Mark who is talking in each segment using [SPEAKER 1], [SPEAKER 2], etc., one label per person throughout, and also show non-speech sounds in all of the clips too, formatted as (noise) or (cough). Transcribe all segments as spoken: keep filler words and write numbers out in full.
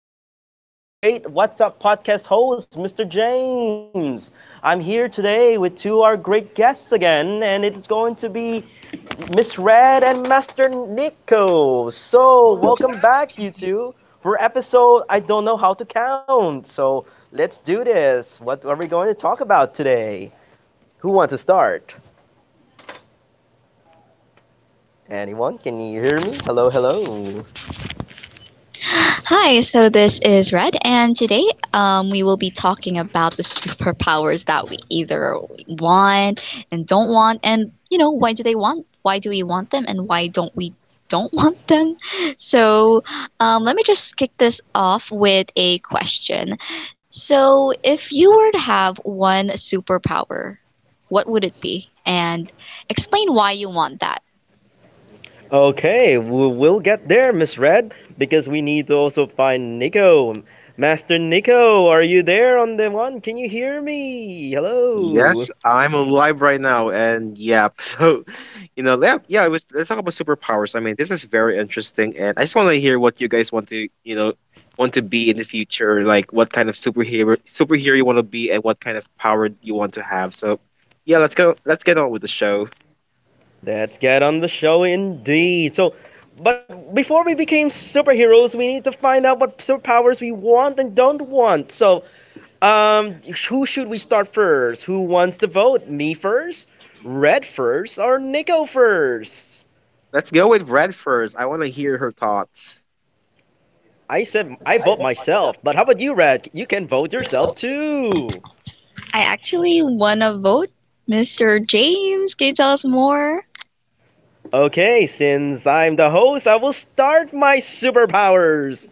[SPEAKER 1] I, the great What's Up podcast host, Mister James. I'm here today with two of our great guests again, and it's going to be Miss Red and Master Nico. So, welcome back, you two, for episode I don't know how to count. So, let's do this. What are we going to talk about today? Who wants to start? Anyone? Can you hear me? Hello, hello.
[SPEAKER 2] Hi, so this is Red, and today um, we will be talking about the superpowers that we either want and don't want, and you know, why do they want, why do we want them, and why don't we don't (laughs) want them? So um, Let me just kick this off with a question. So, if you were to have one superpower, what would it be? And explain why you want that.
[SPEAKER 1] Okay, we will get there, Miss Red, because we need to also find Nico. Master Nico, are you there on the one? Can you hear me? Hello.
[SPEAKER 3] Yes, I'm alive right now, and yeah, (laughs) so you know, yeah, yeah. It was, let's talk about superpowers. I mean, this is very interesting, and I just want to hear what you guys want to, you know, want to be in the future. Like, what kind of superhero superhero you want to be, and what kind of power you want to have. So, yeah, let's go. Let's get on with the show.
[SPEAKER 1] Let's get on the show indeed. So, but before we became superheroes, we need to find out what superpowers we want and don't want. So, um, who should we start first? Who wants to vote? Me first? Red first or Nico first?
[SPEAKER 3] Let's go with Red first. I want to hear her thoughts.
[SPEAKER 1] I said I vote myself, but how about you, Red? You can vote yourself too.
[SPEAKER 2] I actually won a vote. mister James, can you tell us more?
[SPEAKER 1] Okay, since I'm the host, I will start my superpowers.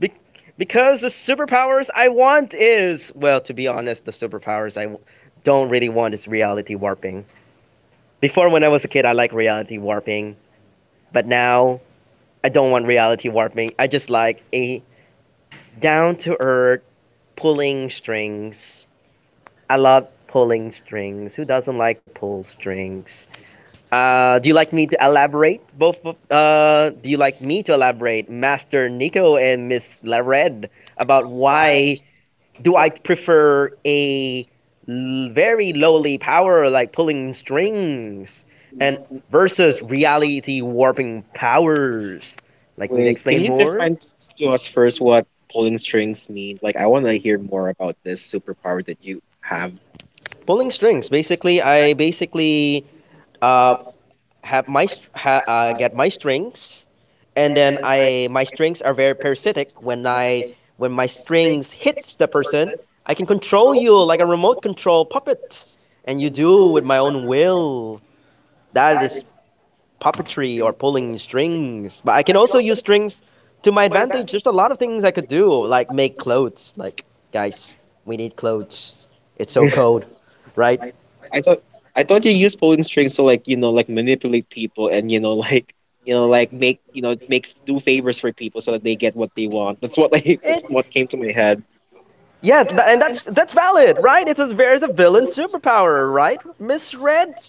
[SPEAKER 1] Be- because the superpowers I want is, well, to be honest, the superpowers I w- don't really want is reality warping. Before, when I was a kid, I liked reality warping, but now I don't want reality warping. I just like a down to earth pulling strings. I love pulling strings. Who doesn't like to pull strings? Uh, do you like me to elaborate? Both of, uh, do you like me to elaborate, Master Nico and Miss Lared, about why do I prefer a l- very lowly power like pulling strings and versus reality warping powers? Like me to
[SPEAKER 3] Wait, can
[SPEAKER 1] explain
[SPEAKER 3] you
[SPEAKER 1] more?
[SPEAKER 3] define to us first what pulling strings mean? Like, I want to hear more about this superpower that you have.
[SPEAKER 1] Pulling strings. Basically, I basically uh, have my str- ha- uh, get my strings, and then I my strings are very parasitic. When I when my strings hits the person, I can control you like a remote control puppet, and you do with my own will. That is puppetry or pulling strings. But I can also use strings to my advantage. There's a lot of things I could do, like make clothes. Like guys, we need clothes. It's
[SPEAKER 3] (laughs)
[SPEAKER 1] so
[SPEAKER 3] I
[SPEAKER 1] cold, right?
[SPEAKER 3] thought I thought you use pulling strings to like you know like manipulate people and you know (laughs) like you know like make you know make do favors for people so that they get what they want. That's what like (laughs)
[SPEAKER 1] It
[SPEAKER 3] that's what came to my head.
[SPEAKER 1] Yeah, tha- and that's that's valid, right? It's a there's a villain superpower, right? Miss Red,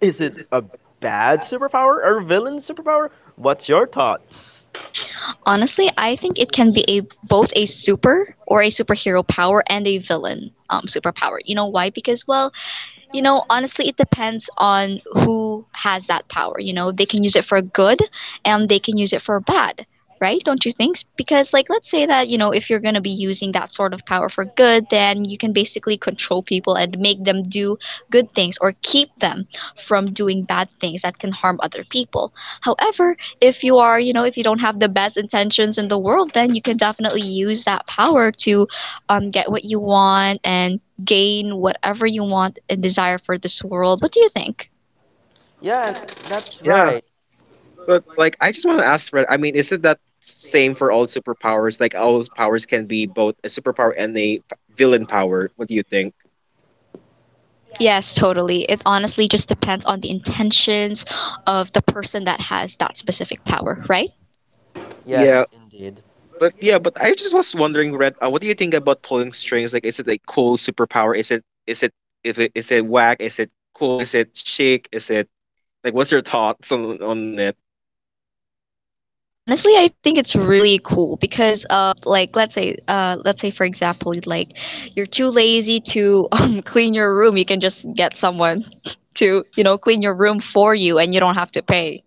[SPEAKER 1] is it a bad superpower or villain superpower? What's your thoughts?
[SPEAKER 2] Honestly, I think it can be a both a super or a superhero power and a villain um, superpower. You know why? Because well, you know, honestly, it depends on who has that power. You know, they can use it for good and they can use it for bad, right? Don't you think? Because, like, let's say that, you know, if you're going to be using that sort of power for good, then you can basically control people and make them do good things or keep them from doing bad things that can harm other people. However, if you are, you know, if you don't have the best intentions in the world, then you can definitely use that power to um, get what you want and gain whatever you want and desire for this world. What do you think?
[SPEAKER 3] Um,
[SPEAKER 1] Yeah, and That's
[SPEAKER 3] yeah,
[SPEAKER 1] right.
[SPEAKER 3] but like I just want to ask, Fred. I mean, is it that same for all superpowers? Like all those powers can be both a superpower and a p- villain power. What do you think?
[SPEAKER 2] Yes, totally. It honestly just depends on the intentions of the person that has that specific power, right?
[SPEAKER 1] Yes,
[SPEAKER 3] Yeah,
[SPEAKER 1] indeed.
[SPEAKER 3] but yeah, but I just was wondering, Red, uh, what do you think about pulling strings? Like, is it a cool superpower? Is it is it if it is it whack? Is it cool? Is it chic? Is it like what's your thoughts on on it?
[SPEAKER 2] Honestly, I think it's really cool because uh like let's say uh let's say for example like you're too lazy to (laughs) um, clean your room, you can just get someone (laughs) to, you know, clean your room for you and you don't have to pay.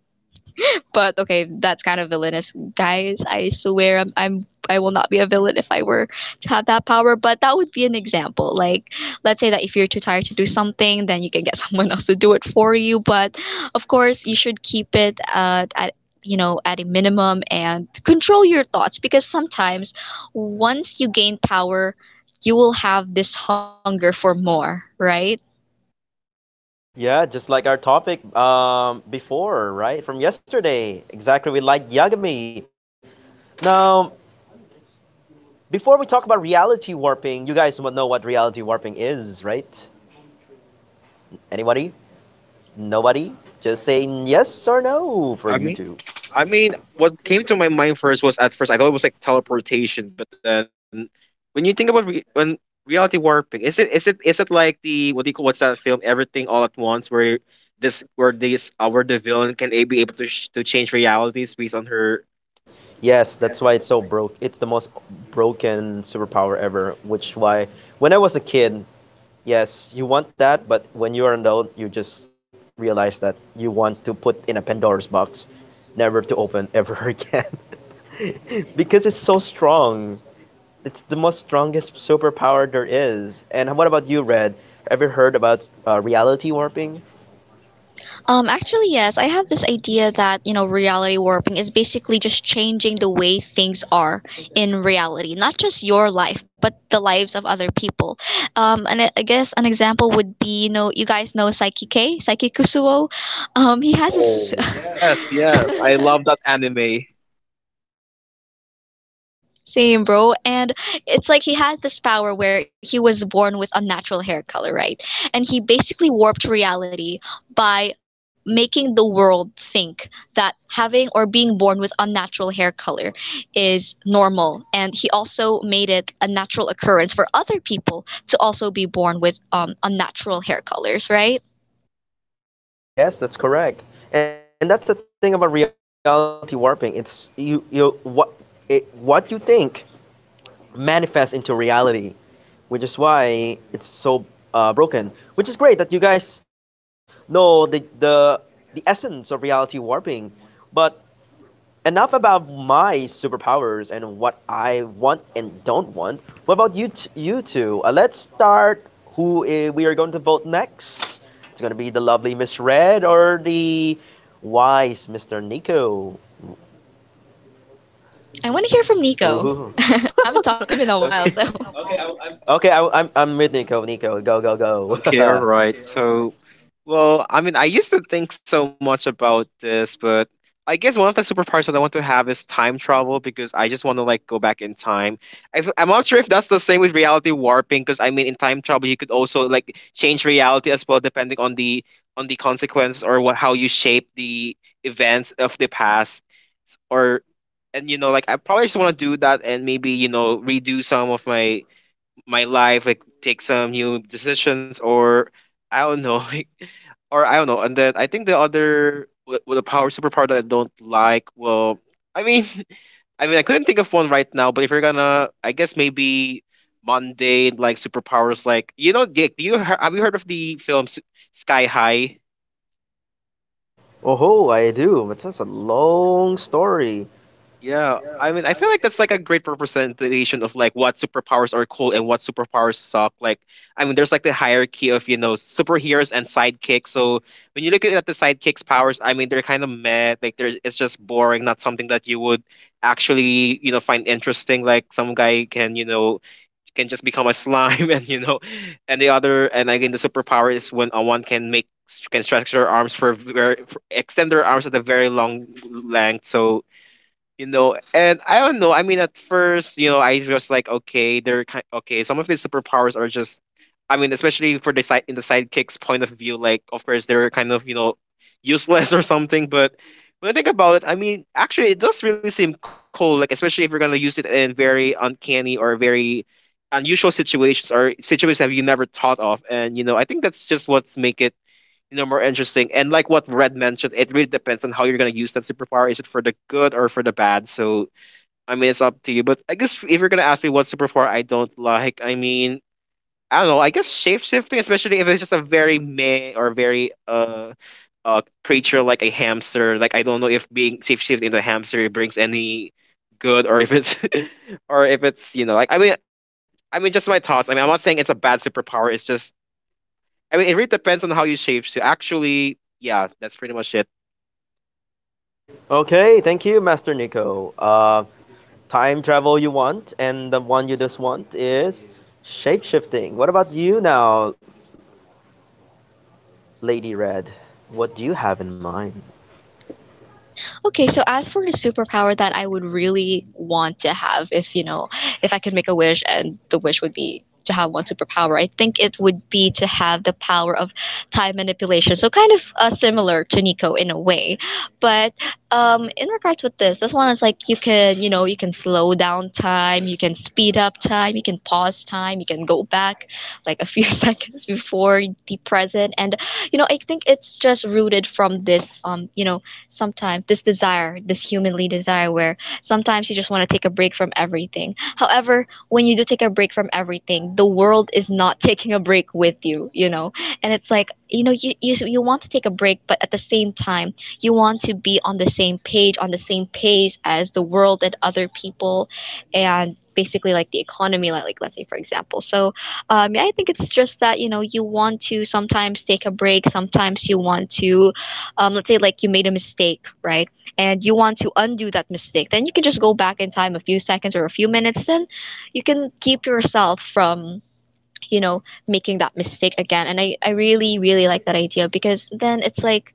[SPEAKER 2] But okay, that's kind of villainous, guys. I swear, I'm, I'm I will not be a villain if I were to have that power. But that would be an example. Like, let's say that if you're too tired to do something, then you can get (laughs) someone else to do it for you. But of course, you should keep it at, at you know at a minimum and control your thoughts because sometimes once you gain power, you will have this hunger for more, right?
[SPEAKER 1] Yeah, just like our topic um, before, right? From yesterday. Exactly, we liked Yagami. Now, Before we talk about reality warping, you guys mo- know what reality warping is, right? Anybody? Nobody? Just saying yes or no for
[SPEAKER 3] I mean,
[SPEAKER 1] YouTube.
[SPEAKER 3] I mean, what came to my mind first was at first I thought it was like teleportation, but then when you think about re- when reality warping, is it is it is it like the what do you call what's that film? Everything all at once, where this where this uh, where the villain can a- be able to sh- to change realities based on her.
[SPEAKER 1] Yes, that's why it's so broke. It's the most broken superpower ever, which why when I was a kid, yes, you want that, but when you are an adult, you just realize that you want to put in a Pandora's box, never to open ever (laughs) again. (laughs) Because it's so strong. It's the most strongest superpower there is. And what about you, Red? Ever heard about uh, reality warping?
[SPEAKER 2] Um, actually, yes, I have this idea that, you know, reality warping is basically just changing the way things are in reality, not just your life, but the lives of other people. Um, and I I guess an example would be, you know, you guys know Psyche K, Psyche Kusuo. Um, he has his
[SPEAKER 1] Oh,
[SPEAKER 3] Yes, yes, I
[SPEAKER 2] (laughs)
[SPEAKER 3] love that anime.
[SPEAKER 2] Same, bro. And it's like he had this power where he was born with unnatural hair color, right? And he basically warped reality by making the world think that having or being born with unnatural hair color is normal. And he also made it a natural occurrence for other people to also be born with um, unnatural hair colors, right?
[SPEAKER 1] Yes, that's correct. And that's the thing about reality warping. It's you you what it, What you think manifests into reality, which is why it's so uh, broken. Which is great that you guys know the the the essence of reality warping, but enough about my superpowers and what I want and don't want. What about you, t- you two? Uh, let's start who uh, we are going to vote next. It's going to be the lovely Miss Red or the wise Mister Nico.
[SPEAKER 2] I want to hear from Nico. (laughs)
[SPEAKER 1] Ooh.
[SPEAKER 2] I haven't talked to him in a
[SPEAKER 3] Okay.
[SPEAKER 2] while, so.
[SPEAKER 1] Okay, I, I'm, I'm with Nico. Nico, go, go,
[SPEAKER 3] Okay. All right.
[SPEAKER 1] go.
[SPEAKER 3] So, well, I mean, I used to think so much about this, but I guess one of the superpowers that I want to have is time travel because I just want to like go back in time. I f- I'm not sure if that's the same with reality warping because I mean, in time travel, you could also like change reality as well, depending on the on the consequence or what how you shape the events of the past or and you know like I probably just want to do that and maybe you know redo some of my my life, like take some new decisions, or I don't know, (laughs) like, or I don't know. And then I think the other with the power superpower that I don't like, well, I mean, (laughs) I mean, I couldn't think of one right now. But if you're gonna, I guess maybe mundane like superpowers, like you know, Dick, do you he- have you heard of the film S- Sky High?
[SPEAKER 1] (laughs) Oh, I do. But that's a long story.
[SPEAKER 3] Yeah, I mean, I feel like that's like a great representation of like what superpowers are cool and what superpowers suck. Like, I mean, there's like the hierarchy of you know superheroes and sidekicks. So when you look at the sidekicks' powers, I mean, they're kind of meh. Like, there's it's just boring, not something that you would actually you know find interesting. Like, some guy can you know can just become a slime, (laughs) and you know, and the other, and again, the superpower is when a one can make can stretch their arms for very for, extend their arms at a very long length. So you know and I don't know I mean at first you know I was like okay they're kind okay some of his superpowers are just I mean especially for the side in the sidekick's point of view like of course they're kind of you know useless (laughs) or something but when I think about it I mean actually it does really seem cool like especially if you're going to use it in very uncanny or very unusual situations or situations that you never thought of and you know I think that's just what's make it you know more interesting and like what Red mentioned it really depends on how you're going to use that superpower is it for the good or for the bad so I mean it's up to you but I guess if you're going to ask me what superpower I don't like I mean I don't know I guess shapeshifting especially if it's just a very meh or very uh uh creature like a hamster like I don't know if being shapeshifted into a hamster brings any good or if it's (laughs) or if it's you know like I mean I mean, just my thoughts. I mean, I'm not saying it's a bad superpower. It's just I mean, it really depends on how you shape. To actually, yeah, that's pretty much it.
[SPEAKER 1] Okay, thank you, Master Nico. Uh, time travel you want, and the one you just want is shapeshifting. What about you now, Lady Red? What do you have in mind?
[SPEAKER 2] Okay, so as for the superpower that I would really want to have, if you know, if I could make a wish and the wish would be to have one superpower, I think it would be to have the power of time manipulation. So kind of uh, similar to Nico in a way, but um, in regards with this, this one is like you can, you know, you can slow down time, you can speed up time, you can pause time, you can go back like a few (laughs) seconds before the present, and you know, I think it's just rooted from this, um, you know sometimes this desire, this humanly desire, where sometimes you just want to take a break from everything. However, when you do take a break from everything, the world is not (laughs) taking a break with you, you know? And it's like, you know, you, you, you want to take a break, but at the same time, you want to be on the same page, on the same pace as the world and other people and basically like the economy like, like let's say for example so um, yeah, I think it's just that you know you want to sometimes take a break, sometimes you want to um, let's say like you made a mistake, right? And you want to undo that mistake, then you can just go back in time a few seconds or a few minutes. Then you can keep yourself from you know making that mistake again. And I I really really like that idea because then it's like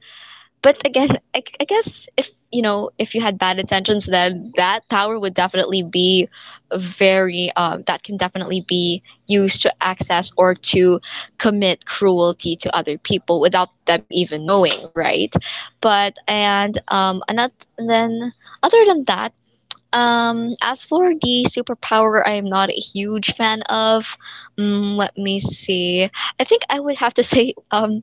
[SPEAKER 2] but again, I, I guess if you know if you had bad intentions, then that power would definitely be very um, that can definitely be used to access or to commit cruelty to other people without them even knowing, right? But and um, another then Other than that. Um, as for the superpower, I am not a huge fan of. Mm, let me see. I think I would have to (laughs) say um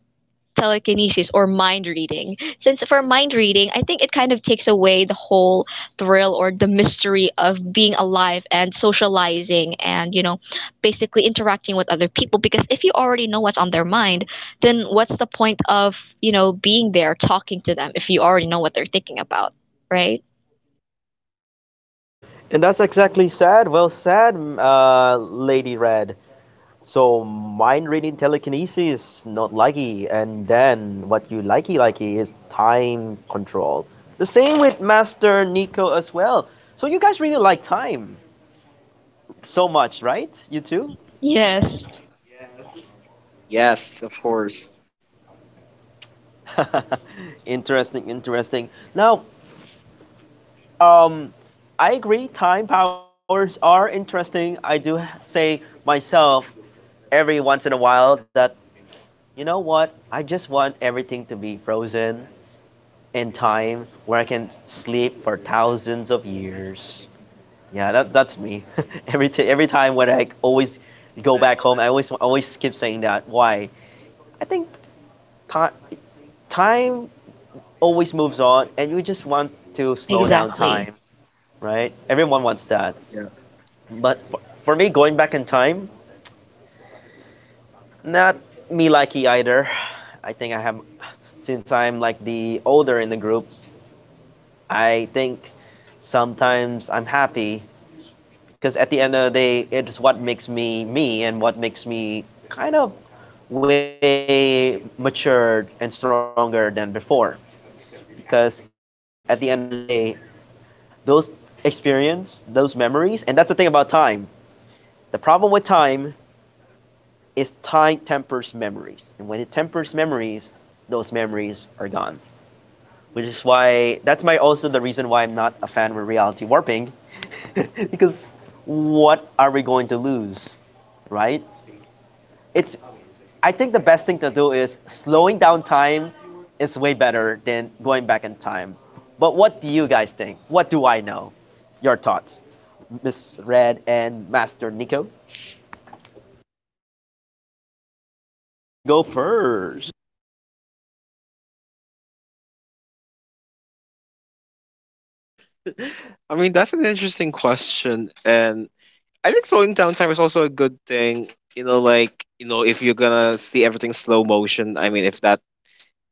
[SPEAKER 2] telekinesis or mind reading. Since for mind reading, I think it kind of takes away the whole thrill or the mystery of being alive and socializing and, you know, basically interacting with other people. Because if you already know what's on their mind, then what's the point of, you know, being there talking to them if you already know what they're thinking about, right?
[SPEAKER 1] And that's exactly sad. Well, sad, m- uh, Lady Red. So mind reading telekinesis, not likey, and then what you likey likey is time control. The same with Master Nico as well. So you guys really like time so much, right? You too.
[SPEAKER 2] Yes,
[SPEAKER 3] Yes, of course.
[SPEAKER 1] (laughs) Interesting, interesting. Now, Um, I agree. Time powers are interesting. I do h- say myself every once in a while that, you know what? I just want everything to be frozen in time, where I can sleep for thousands of years. Yeah, that that's me. (laughs) every t- every time when I always go back home, I always always keep saying that. Why? I think ti- time always moves on, and you just want to slow down
[SPEAKER 2] exactly.
[SPEAKER 1] time, right? Everyone wants that.
[SPEAKER 3] Yeah.
[SPEAKER 1] But for me, going back in time, not me likey either. I think I have, Since I'm like the older in the group, I think sometimes I'm happy because at the end of the day, it's what makes me me and what makes me kind of way matured and stronger than before. Because at the end of the day, those experience, those memories, and that's the thing about time. The problem with time is time tempers memories. And when it tempers memories, those memories are gone. Which is why that's my also the reason why I'm not a fan of reality warping. (laughs) Because what are we going to lose? Right? It's I think the best thing to do is slowing down time is way better than going back in time. But what do you guys think? What do I know? Your thoughts. Miss Red and Master Nico, who wants to go first?
[SPEAKER 3] (laughs) I mean, that's an interesting question, and I think slowing down time is also a good thing. You know, like you know, if you're gonna see everything slow motion, I mean, if that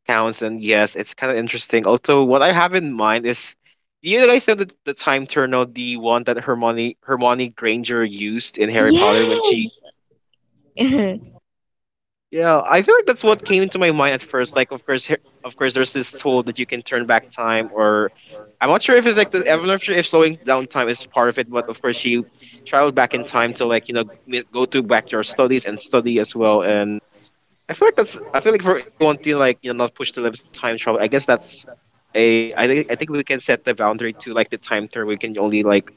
[SPEAKER 3] counts, then yes, it's kind of interesting. Also, what I have in mind is, do you guys know the, the time turner, the one that Hermione Hermione Granger used in Harry Potter when she
[SPEAKER 2] Yes. (laughs)
[SPEAKER 3] Yeah, I feel like that's what came into my mind at first. Like, of course, here, of course, there's this tool that you can turn back time, or I'm not sure if it's like the, I'm not sure if slowing down time is part of it, but of course, you travel back in time to like you know m- go to back to your studies and study as well, and I feel like that's. I feel like for if you want to like you know not push the limits of time travel, I guess that's a. I think I think we can set the boundary to like the time turn. We can only like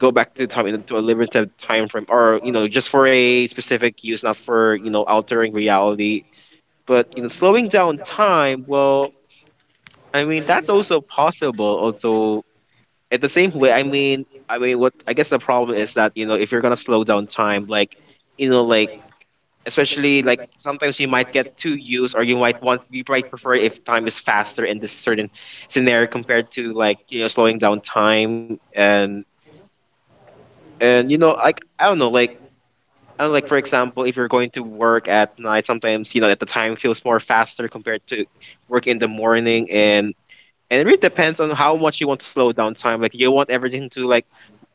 [SPEAKER 3] go back to time into a limited time frame, or you know just for a specific use, not for you know altering reality. But you know slowing down time. Well, I mean that's also possible. Although at the same way, I mean I mean what I guess the problem is that you know if you're gonna slow down time, like you know like especially like sometimes you might get too used or you might want you might prefer if time is faster in this certain scenario compared to like you know slowing down time and and you know like I don't know like I don't like for example if you're going to work at night sometimes you know at the time feels more faster compared to work in the morning and and it really depends on how much you want to slow down time like you want everything to like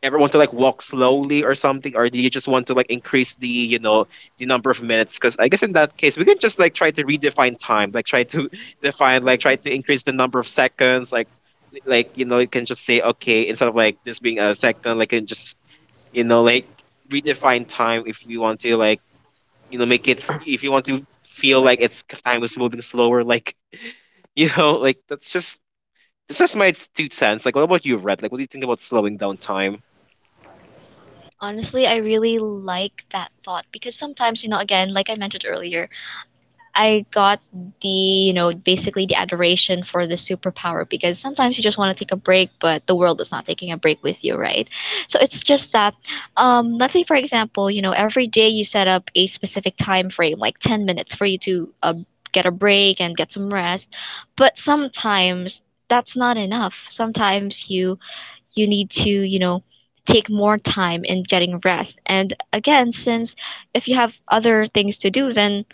[SPEAKER 3] everyone to like walk slowly or something or do you just want to like increase the you know the number of minutes because I guess in that case we can just like try to redefine time like try to (laughs) define like try to increase the number of seconds like like you know you can just say okay instead of like this being a second like and just you know like redefine time if you want to like you know make it if you want to feel like it's time is moving slower like (laughs) you know like that's just it's just my two cents. Like, what about you, Red? Like, what do you think about slowing down time?
[SPEAKER 2] Honestly, I really like that thought because sometimes, you know, again, like I mentioned earlier, I got the, you know, basically the adoration for the superpower because sometimes you just want to take a break, but the world is not taking a break with you, right? So it's just that, um, let's say, for example, you know, every day you set up a specific time frame, like ten minutes for you to uh, get a break and get some rest. But sometimes that's not enough. Sometimes you you need to, you know, take more time in getting rest. And again, since if you have other things to do, then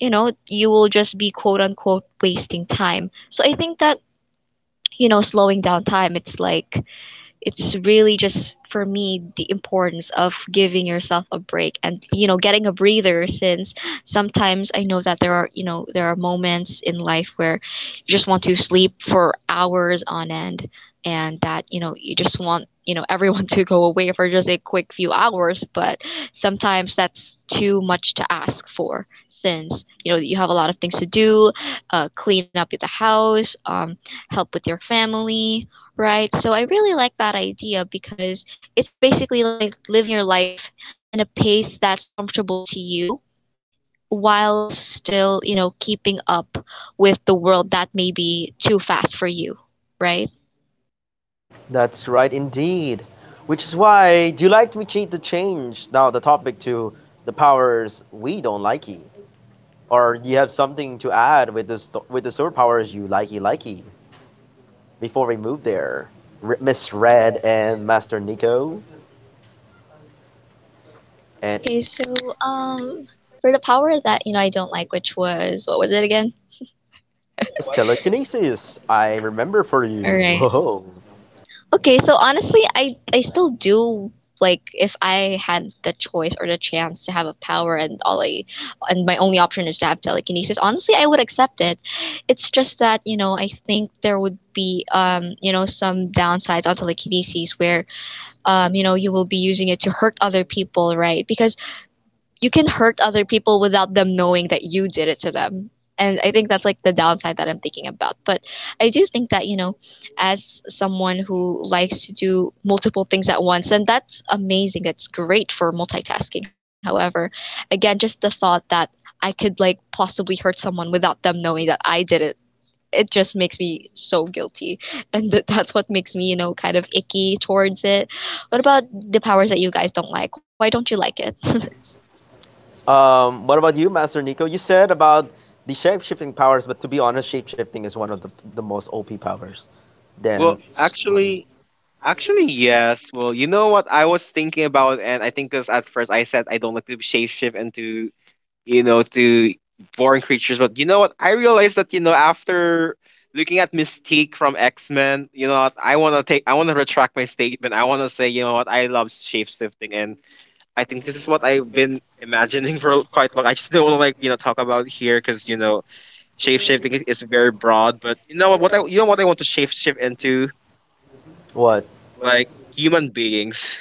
[SPEAKER 2] you know, you will just be quote unquote wasting time. So I think that, you know, slowing down time, it's like it's really just for me the importance of giving yourself a break and you know getting a breather since sometimes I know that there are you know there are moments in life where you just want to sleep for hours on end and that you know you just want you know everyone (laughs) to go away for just a quick few hours but sometimes that's too much to ask for since you know you have a lot of things to do, uh, clean up the house, um, help with your family. Right. So I really like that idea because it's basically like living your life in a pace that's comfortable to you while still, you know, keeping up with the world that may be too fast for you, right?
[SPEAKER 1] That's right indeed. Which is why, do you like me cheat to change now the topic to the powers we don't likey? Or do you have something to add with the, st- with the superpowers you likey likey? Before we move there, R- Miss Red and Master Nico. And
[SPEAKER 2] Okay, so um for the power that, you know, I don't like, which was what was it again?
[SPEAKER 1] It was telekinesis. I remember for
[SPEAKER 2] All
[SPEAKER 1] you. (laughs)
[SPEAKER 2] right.
[SPEAKER 1] Ho
[SPEAKER 2] Okay, so honestly, I I still do like if I had the choice or the chance to have a power and all I and my only option is to have telekinesis. Honestly, I would accept it. It's just that, you know, I think there would be um, you know, some downsides on telekinesis where um, you know, you will be using it to hurt other people, right? Because you can hurt other people without them knowing that you did it to them. And I think that's like the downside that I'm thinking about. But I do think that, you know, as someone who likes to do multiple things at once, and that's amazing, that's great for multitasking. However, again, just the thought that I could like possibly hurt someone without them knowing that I did it, it just makes me so guilty. And (laughs) that that's what makes me, you know, kind of icky towards it. What about the powers that you guys don't like? Why don't you like it?
[SPEAKER 1] um, What about you, Master Nico? You said about the shape shifting powers, but to be honest, shape shifting is one of the, the most O P powers. Then,
[SPEAKER 3] Well,
[SPEAKER 1] s- one.
[SPEAKER 3] actually, actually, yes. Well, you know what I was thinking about, and I think because at first I said I don't like to shape shift into you know, to foreign creatures. But you know what? I realized that, you know, after looking at Mystique from X Men, you know what, I wanna take I wanna retract my statement. I wanna say, you know what, I love shapeshifting and I think this is what I've been imagining (laughs) for quite long. I just don't wanna like, you know, talk about here because, you know, shapeshifting is very broad, but you know what, what I you know what I want to shapeshift into?
[SPEAKER 1] What?
[SPEAKER 3] Like human beings.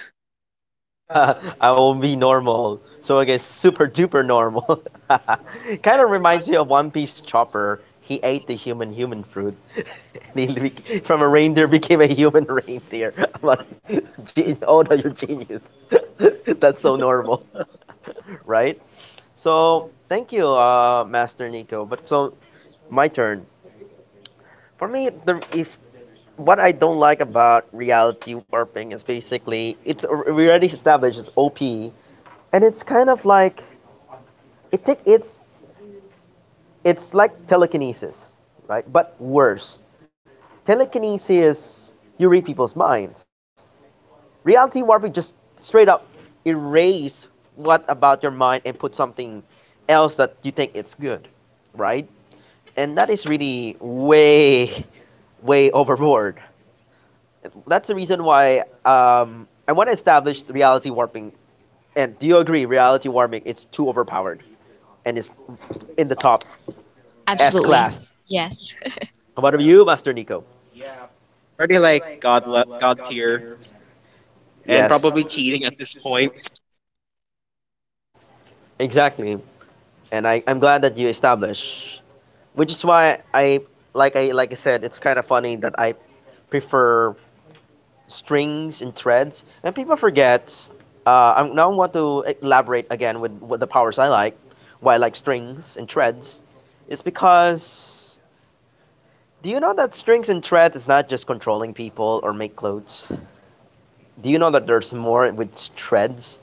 [SPEAKER 1] (laughs) I will be normal. So I guess super duper normal. (laughs) Kind of reminds me of One Piece Chopper. He ate the human human fruit. (laughs) And he bec- from a reindeer became a human reindeer. (laughs) But ge- oh no, you're genius. (laughs) That's so normal, (laughs) right? So thank you, uh, Master Nico. But so my turn. For me, the if what I don't like about reality warping is basically it's al- we already established it's O P, and it's kind of like it take it's it's like telekinesis, right? But worse. Telekinesis you read people's minds. Reality warping just straight up erase what about your mind and put something else that you think it's good, right? And that is really way (laughs) way overboard. That's the reason why um, I want to establish reality warping. And do you agree? Reality warping it's too overpowered, and it's in the top S
[SPEAKER 2] Absolutely.
[SPEAKER 1] class.
[SPEAKER 2] Yes.
[SPEAKER 3] Yeah.
[SPEAKER 1] What about you, Master Nico?
[SPEAKER 3] Yeah. It's already like god le- god tier and
[SPEAKER 1] Yes,
[SPEAKER 3] probably cheating at this point.
[SPEAKER 1] exactly. And I, I'm glad that you established, which is why I like I like I said, it's kind of funny that I prefer strings and threads, and people forget. Uh, I'm now I want to elaborate again with what the powers I like, why I like strings and threads. It's because, do you know that strings and threads is not just controlling people or make clothes? Do you know that there's more with threads?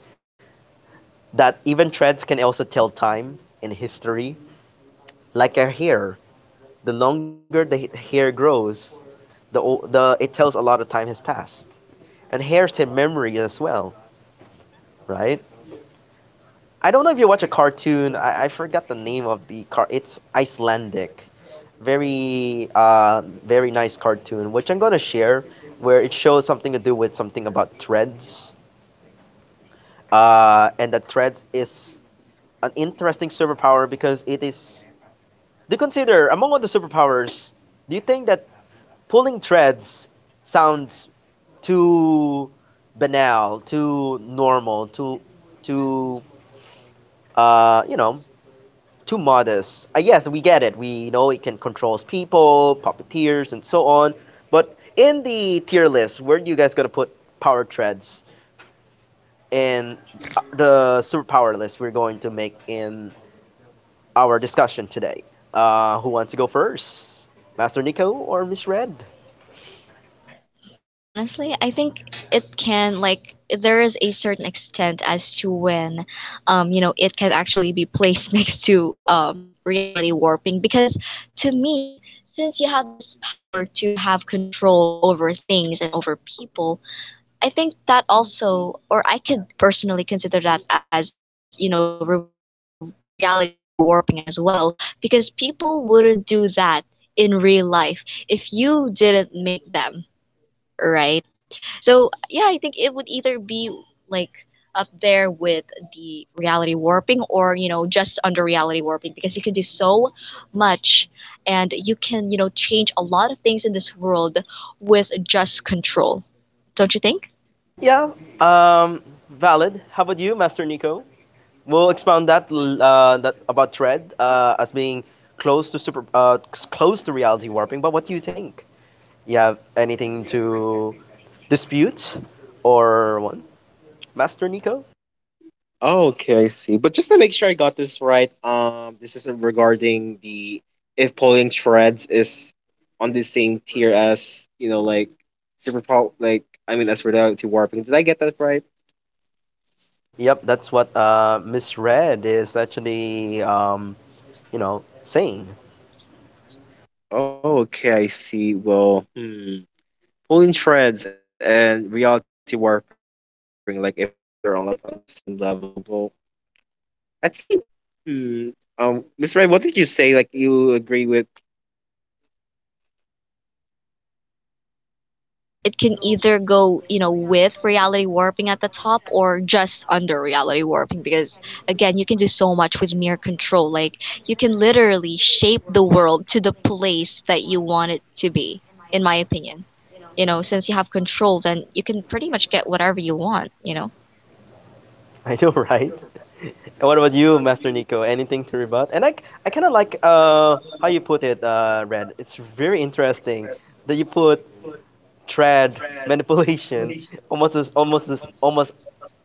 [SPEAKER 1] That even threads can also tell time and history, like a hair. The longer the hair grows, the the it tells a lot of time has passed. And hairs have memory as well, right? I don't know if you watch a cartoon. I, I forgot the name of the car. It's Icelandic. Very uh very nice cartoon, which I'm gonna share, where it shows something to do with something about threads. Uh, and That threads is an interesting superpower because it is. Do you consider, among all the superpowers, do you think that pulling threads sounds too banal, too normal, too, too, uh, you know, too modest? Uh, yes, we get it. We know it can control people, puppeteers, and so on. But in the tier list, where are you guys gonna put power threads in the superpower list we're going to make in our discussion today? Uh, who wants to go first, Master Nico or Miss Red?
[SPEAKER 2] (laughs) Honestly, I think it can like there is a certain extent as to when um you know it can actually be placed (laughs) next to um reality warping because to me since you have this power to have control over things and over people, I think that also or I could personally consider that as you know re- reality warping as well because people wouldn't do that in real life if you didn't make them, right? So yeah, I think it would either be like up there with the reality warping or you know just under reality warping because you can do so much and you can you know change a lot of things in this world with just control. Don't you think?
[SPEAKER 1] Yeah, um, valid. How about you, Master Nico? We'll expound that l- uh, that about Tread uh, as being close to super uh, c- close to reality warping. But what do you think? You have anything to dispute or one, Master Nico?
[SPEAKER 3] Oh, okay, I see. But just to make sure I got this right, um, this is regarding the if pulling threads is on the same tier as you know, like super pro, like I mean, as reality warping. Did I get that right?
[SPEAKER 1] Yep, that's what uh, Miss Red is actually um, you know saying.
[SPEAKER 3] Oh, okay, I see. Well, hmm. Pulling threads and reality warping, like if they're on like on the same level. Well, I'd say, hmm. Um, Miss Ray, what did you say? Like you agree with?
[SPEAKER 2] I mentioned that it can either go, you know, with reality warping at the top or just under reality warping because again, you can do so much with mere control. Like you can literally shape the world to the place that you want it to be, in my opinion. You know, since you have control, then you can pretty much get whatever you want, you know.
[SPEAKER 1] (laughs) I know, right? And what about you, Master Nico? Anything to rebut? And I, k- I kind of like uh, how you put it, uh, Red. It's very interesting that you put trad manipulation (laughs) almost as, almost as, almost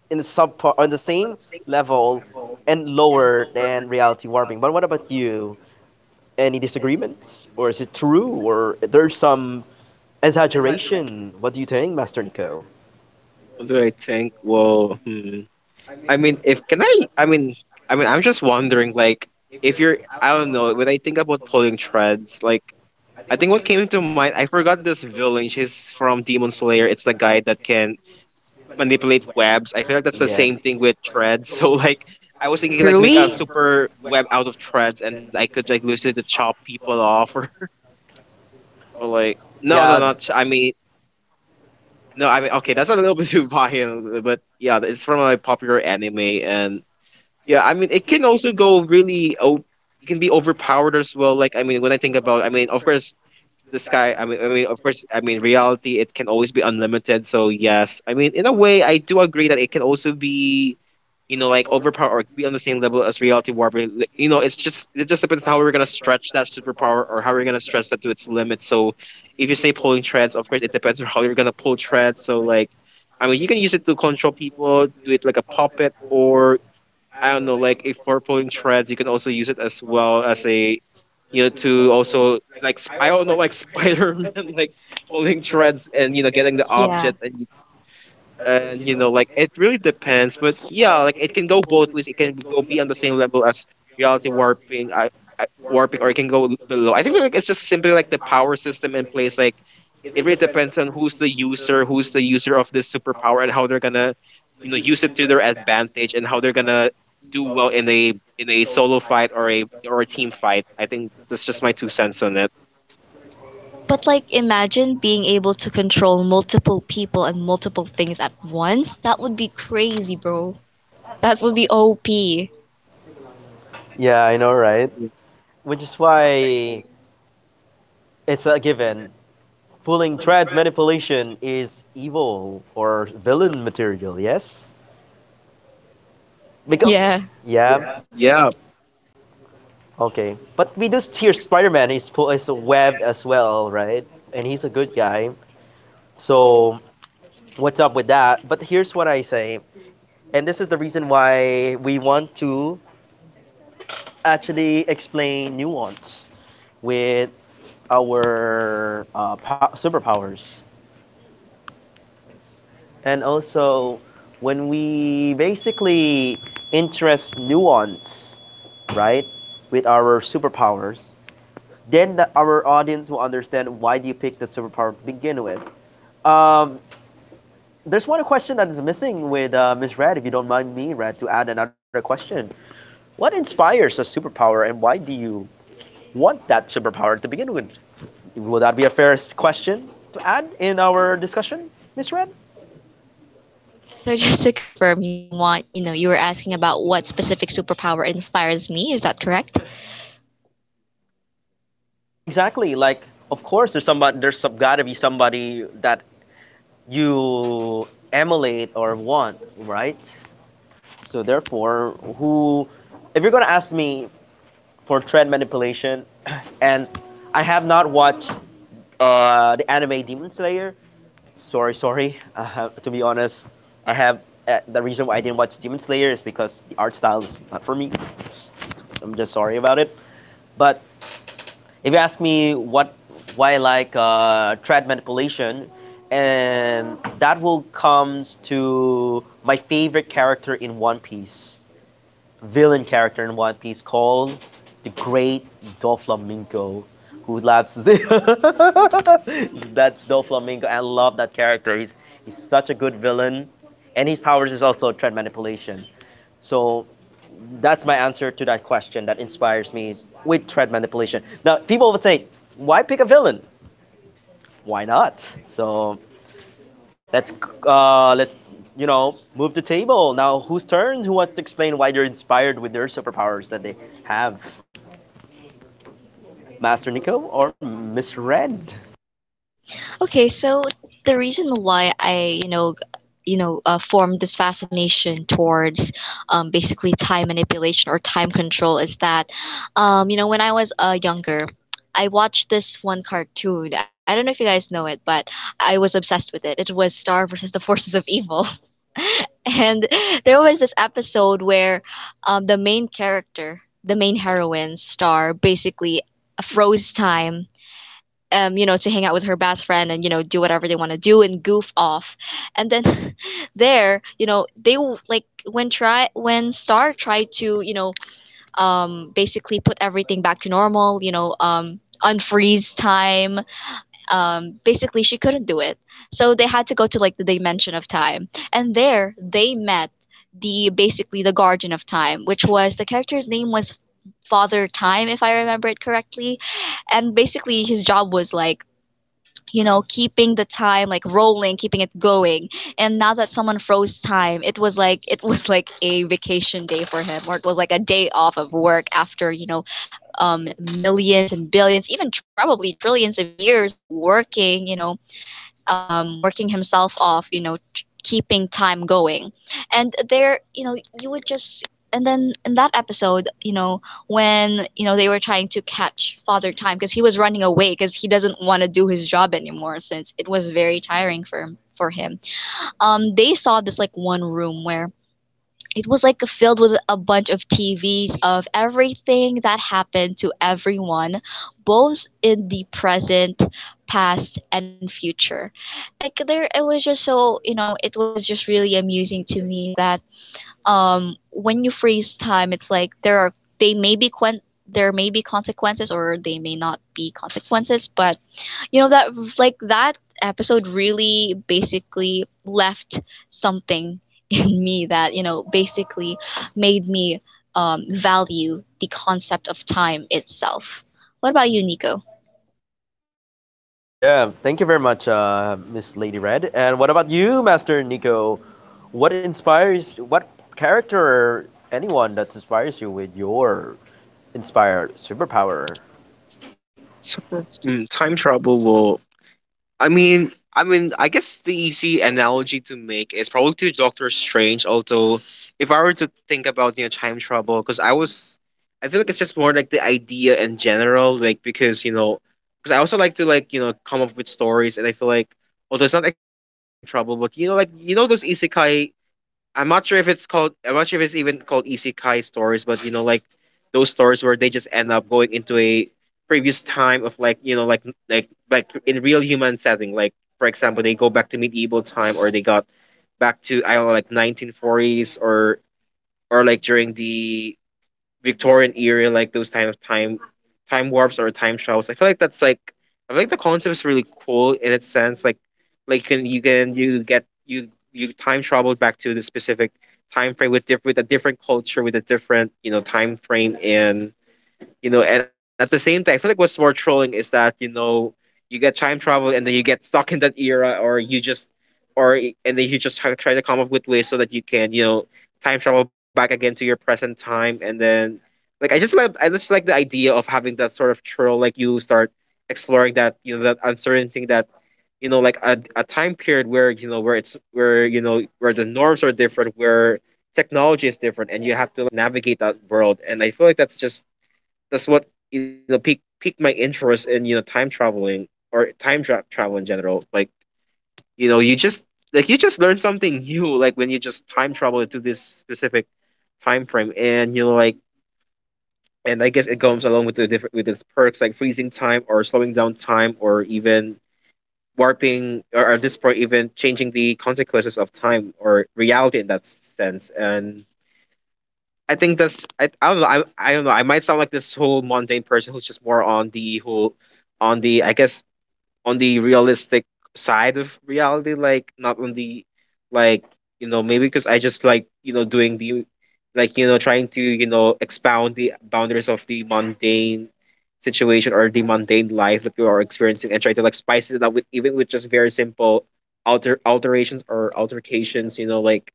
[SPEAKER 1] in the sub on the same level and lower than reality warping. But what about you? Any disagreements, or is it true, or there's some exaggeration? What do you think, Master Nico?
[SPEAKER 3] What do I think? Well, hmm. I mean, if can I? I mean, I mean, I'm just wondering, like, if you're, I don't know, when I think about pulling threads, like, I think what came into mind, I forgot this villain. She's from Demon Slayer. It's the guy that can manipulate webs. I feel like that's the
[SPEAKER 1] Yeah.
[SPEAKER 3] same thing with threads. (laughs) So, like, I was
[SPEAKER 2] Like
[SPEAKER 3] thinking, like, make a
[SPEAKER 2] Rui?
[SPEAKER 3] super web out of threads, and then I could like use it to chop people off, (laughs) or, or like, no, no,
[SPEAKER 1] Yeah.
[SPEAKER 3] not. Ch- I mean, no, I mean, okay, that's a little bit (laughs) too violent, but yeah, it's from a popular anime, and yeah, I mean, it can also go really. Oh, it can be overpowered as well. Like, I mean, when I think about, I mean, of course, the sky. I mean, I mean, of course, I mean, reality. It can always be unlimited. So yes, I mean, in a way, I do agree that it can also be, you know, like overpowered or be on the same level as reality warping. Like, you know, it's just it just depends how we're gonna stretch that superpower or how we're gonna stretch that to its limit. So, if you say pulling threads, of course, it depends on how you're gonna pull threads. So like. I mean, you can use it to control people, do it like a puppet, or I don't know, like if for pulling threads, you can also use it as well as a, you know, to also like sp- I don't know, like (laughs) Spider Man, like pulling threads, and you know, getting the
[SPEAKER 2] Yeah.
[SPEAKER 3] objects, and and you know, like it really depends, but yeah, like it can go both ways. It can go be on the same level as reality warping, I, I warping, or it can go below. I think like it's just simply like the power system in place, like it really depends on who's the user, who's the user of this superpower, and how they're gonna, you know, use it to their advantage, and how they're gonna do well in a in a solo fight or a or a team fight. I think that's just my two cents on it.
[SPEAKER 2] But like imagine being able to control multiple people and multiple things at once. That would be crazy, bro. That would be O P.
[SPEAKER 1] Yeah, I know, right? Which is why it's a given. Pulling threads, manipulation is evil or villain material, yes? Because,
[SPEAKER 2] Yeah.
[SPEAKER 1] yeah,
[SPEAKER 3] Yeah,
[SPEAKER 1] okay. But we do hear Spider-Man is pu- is a web as well, right? And he's a good guy. So what's up with that? But here's what I say, and this is the reason why we want to actually explain nuance with our uh, po- superpowers, and also when we basically interest nuance, right, with our superpowers, then the, our audience will understand why do you pick that superpower to begin with. Um, there's one question that is missing with uh, Miss Red. If you don't mind me, Red, to add another question: what inspires a superpower, and why do you want that superpower to begin with? Will that be a fair question to add in our discussion, Miss Red?
[SPEAKER 2] Okay, so (laughs) just to confirm, you want, you know, you were asking about what specific superpower inspires me, is that correct?
[SPEAKER 1] Exactly. Like, of course, there's somebody. There's some, gotta be somebody that you emulate or want, right? So therefore, who, if you're gonna ask me for trend manipulation, (clears throat) and I have not watched uh, the anime Demon Slayer. Sorry, sorry. (laughs) Uh, to be honest, I have. Uh, the reason why I didn't watch Demon Slayer is because the art style is not for me. So I'm just sorry about it. But if you ask me what why I like uh, trad manipulation, and that will comes to my favorite character in One Piece, villain character in One Piece called the Great Doflamingo, who loves (laughs) that's Doflamingo. I love that character. He's he's such a good villain, and his powers is also trad manipulation. So that's my answer to that question that inspires me with thread manipulation. Now, people would say, why pick a villain? Why not? So let's uh, let's you know move the table. Now, whose turn? Who wants to explain why they're inspired with their superpowers that they have? Master Nico or Miss Red?
[SPEAKER 2] Okay, so the reason why I, you know, you know, uh, formed this fascination towards um, basically time manipulation or time control is that, um, you know, when I was uh, younger, I watched this one cartoon. I don't know if you guys know it, but I was obsessed with it. It was Star versus the (laughs) Forces of Evil. (laughs) And there was this episode where um, the main character, the main heroine, Star, basically froze time um, you know, to hang out with her best friend and you know do whatever they want to do and goof off. And then (laughs) there, you know, they w- like when try when Star tried to you know um, basically put everything back to normal, you know, um, unfreeze time. Um, basically, she couldn't do it, so they had to go to like the dimension of time, and there they met the basically the guardian of time, which was the character's name was Father Time, if I remember it correctly, and basically his job was like you know, keeping the time like rolling, keeping it going. And now that someone froze time, it was like it was (laughs) like a vacation day for him, or it was like a day off of work after you know, um, millions and billions, even tr- probably trillions of years of working, you know, um, working himself off, you know, t- keeping time going. And there, you know, you would just. And then in that episode, you know, when, you know, they were trying to catch Father Time because he was running away because he doesn't want to do his job anymore since it was very tiring for him. For him. Um, they saw this like one room where it was like filled with a bunch of T Vs of everything that happened to everyone, both in the present, past, and future. And like there, it was just so, you know, it was just really amusing to me that um, when you freeze time, it's like there are, they may be, quen- there may be consequences or they may not be consequences, but you know that like that episode really basically left something (laughs) in me that you know basically made me um, value the concept of time itself. What about you, Nico?
[SPEAKER 1] Yeah, thank you very much, uh, Miss Lady Red. And what about you, Master Nico? What inspires? What character? Or anyone that inspires you with your inspired superpower?
[SPEAKER 3] super mm, time travel will I mean, I mean, I guess the easy analogy to make is probably to Doctor Strange. Although, if I were to think about you know time travel, because I was, I feel like it's just more like the idea in general, like because you know, because I also like to like you know come up with stories, and I feel like although it's not exactly time travel, but you know, like you know those isekai, I'm not sure if it's called I'm not sure if it's even called isekai stories, but you know, like those stories where they just end up going into a previous time of like you know, like like like in real human setting. Like for example, they go back to medieval time, or they got back to I don't know, like nineteen forties, or or like during the Victorian era, like those kind of time time warps or time travels. I feel like that's like I feel like the concept is really cool in its sense. Like like you can you can you get you you time travel back to the specific time frame with diff with a different culture, with a different you know time frame, and you know, and at the same time, I feel like what's more trolling is that you know you get time travel and then you get stuck in that era, or you just or and then you just try try to come up with ways so that you can you know time travel back again to your present time, and then like i just like I just like the idea of having that sort of troll, like you start exploring that you know that uncertain thing, that you know like a, a time period where you know where it's where you know where the norms are different, where technology is different, and you have to like navigate that world. And I feel like that's just that's what you know piqued piqued my interest in you know time traveling or time tra- travel in general. Like you know, you just like you just learn something (laughs) new. Like when you just time travel into this specific time frame, and you know, like and I guess it comes along with the different with its perks, like freezing time or slowing down time, or even warping, or at this point even changing the consequences of time or reality in that sense. And I think that's I, I don't know, I, I don't know, I might sound like this whole mundane person who's just more on the whole on the I guess on the realistic side of reality, like not on the like you know maybe because I just like you know doing the like you know trying to you know expound the boundaries of the mundane situation or the mundane life that you are experiencing, and try to like spice it up with even with just very simple alter alterations or altercations, you know, like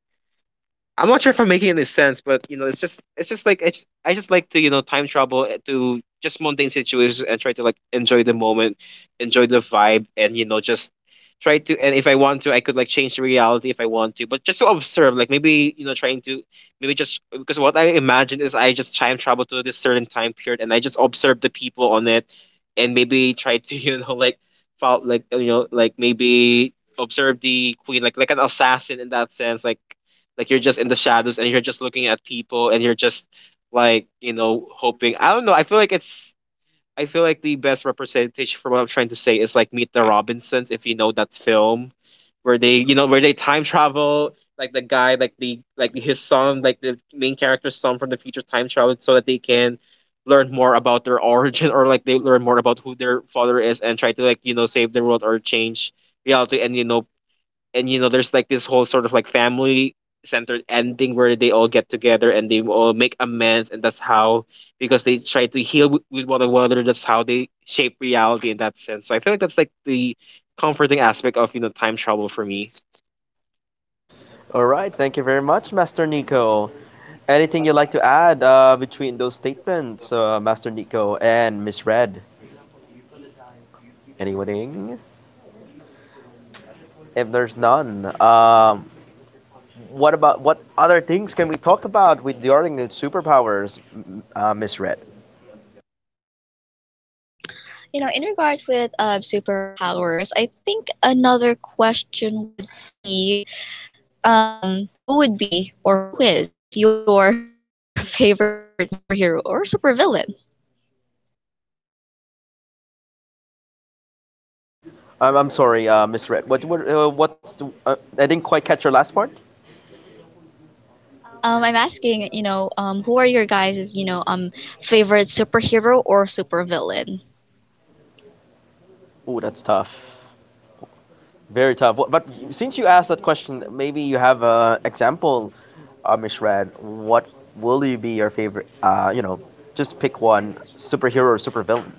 [SPEAKER 3] I'm not sure if I'm making any sense, but you know, it's just it's just like I just, I just like to you know time travel eh, to just mundane situations and try to like enjoy the moment, enjoy the vibe, and you know just try to. And if I want to, I could like change the reality if I want to, but just to observe, like maybe you know trying to maybe just because what I imagine is I just time travel to this certain time period and I just observe the people on it, and maybe try to (laughs) you know like felt like you know like maybe observe the queen like like an assassin in that sense, like like you're just in the shadows and you're just looking at people and you're just like, you know, hoping. I don't know. I feel like it's I feel like the best representation for what I'm trying to say is like Meet the Robinsons, if you know that film, where they, you know, where they time travel, like the guy, like the like his son, like the main character's son from the future time travel so that they can learn more about their origin, or like they learn more about who their father is, and try to like, you know, save the world or change reality. And you know, and you know there's like this whole sort of like family centered ending where they all get together and they all make amends, and that's how because they try to heal with, with one another, that's how they shape reality in that sense. So I feel like that's like the comforting aspect of you know time travel for me.
[SPEAKER 1] All right, thank you very much, Master Nico. Anything you'd like to add uh, between those statements, uh, Master Nico and Miss Red? Anything? If there's none, um, what about what other things can we talk about with the the superpowers, m- uh, Miss Red?
[SPEAKER 2] You know, in regards with uh, superpowers, I think another question would be um, who would be or who is your (laughs) favorite superhero or supervillain?
[SPEAKER 1] I'm, I'm sorry, uh, Miss Red. What what uh, what's the, uh, I didn't quite catch your last part.
[SPEAKER 2] Um, I'm asking, you know, um, who are your guys' you know um favorite superhero or supervillain?
[SPEAKER 1] Ooh, that's tough. Very tough. Wh- But since you asked that question, maybe you have a example, uh, Mishrad. What will you be your favorite? Uh, you know, just pick one superhero or supervillain.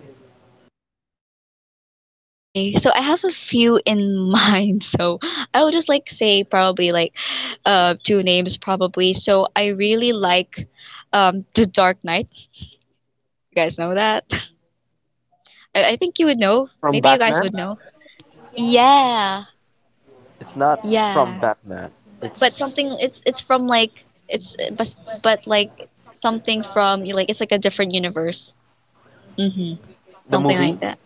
[SPEAKER 2] Okay, so I have a few in (laughs) mind, so I would just like say probably like uh two names probably. So I really like um The Dark Knight. You guys know that? (laughs) I, I think you would know. Maybe
[SPEAKER 3] From
[SPEAKER 2] you guys
[SPEAKER 3] Batman?
[SPEAKER 2] would know. Yeah,
[SPEAKER 1] It's not from
[SPEAKER 2] yeah.
[SPEAKER 1] Batman.
[SPEAKER 2] But
[SPEAKER 1] It's
[SPEAKER 2] something it's it's from like it's but but like something from like it's like a different universe. Mm-hmm.
[SPEAKER 1] the
[SPEAKER 2] Something
[SPEAKER 1] movie.
[SPEAKER 2] like that.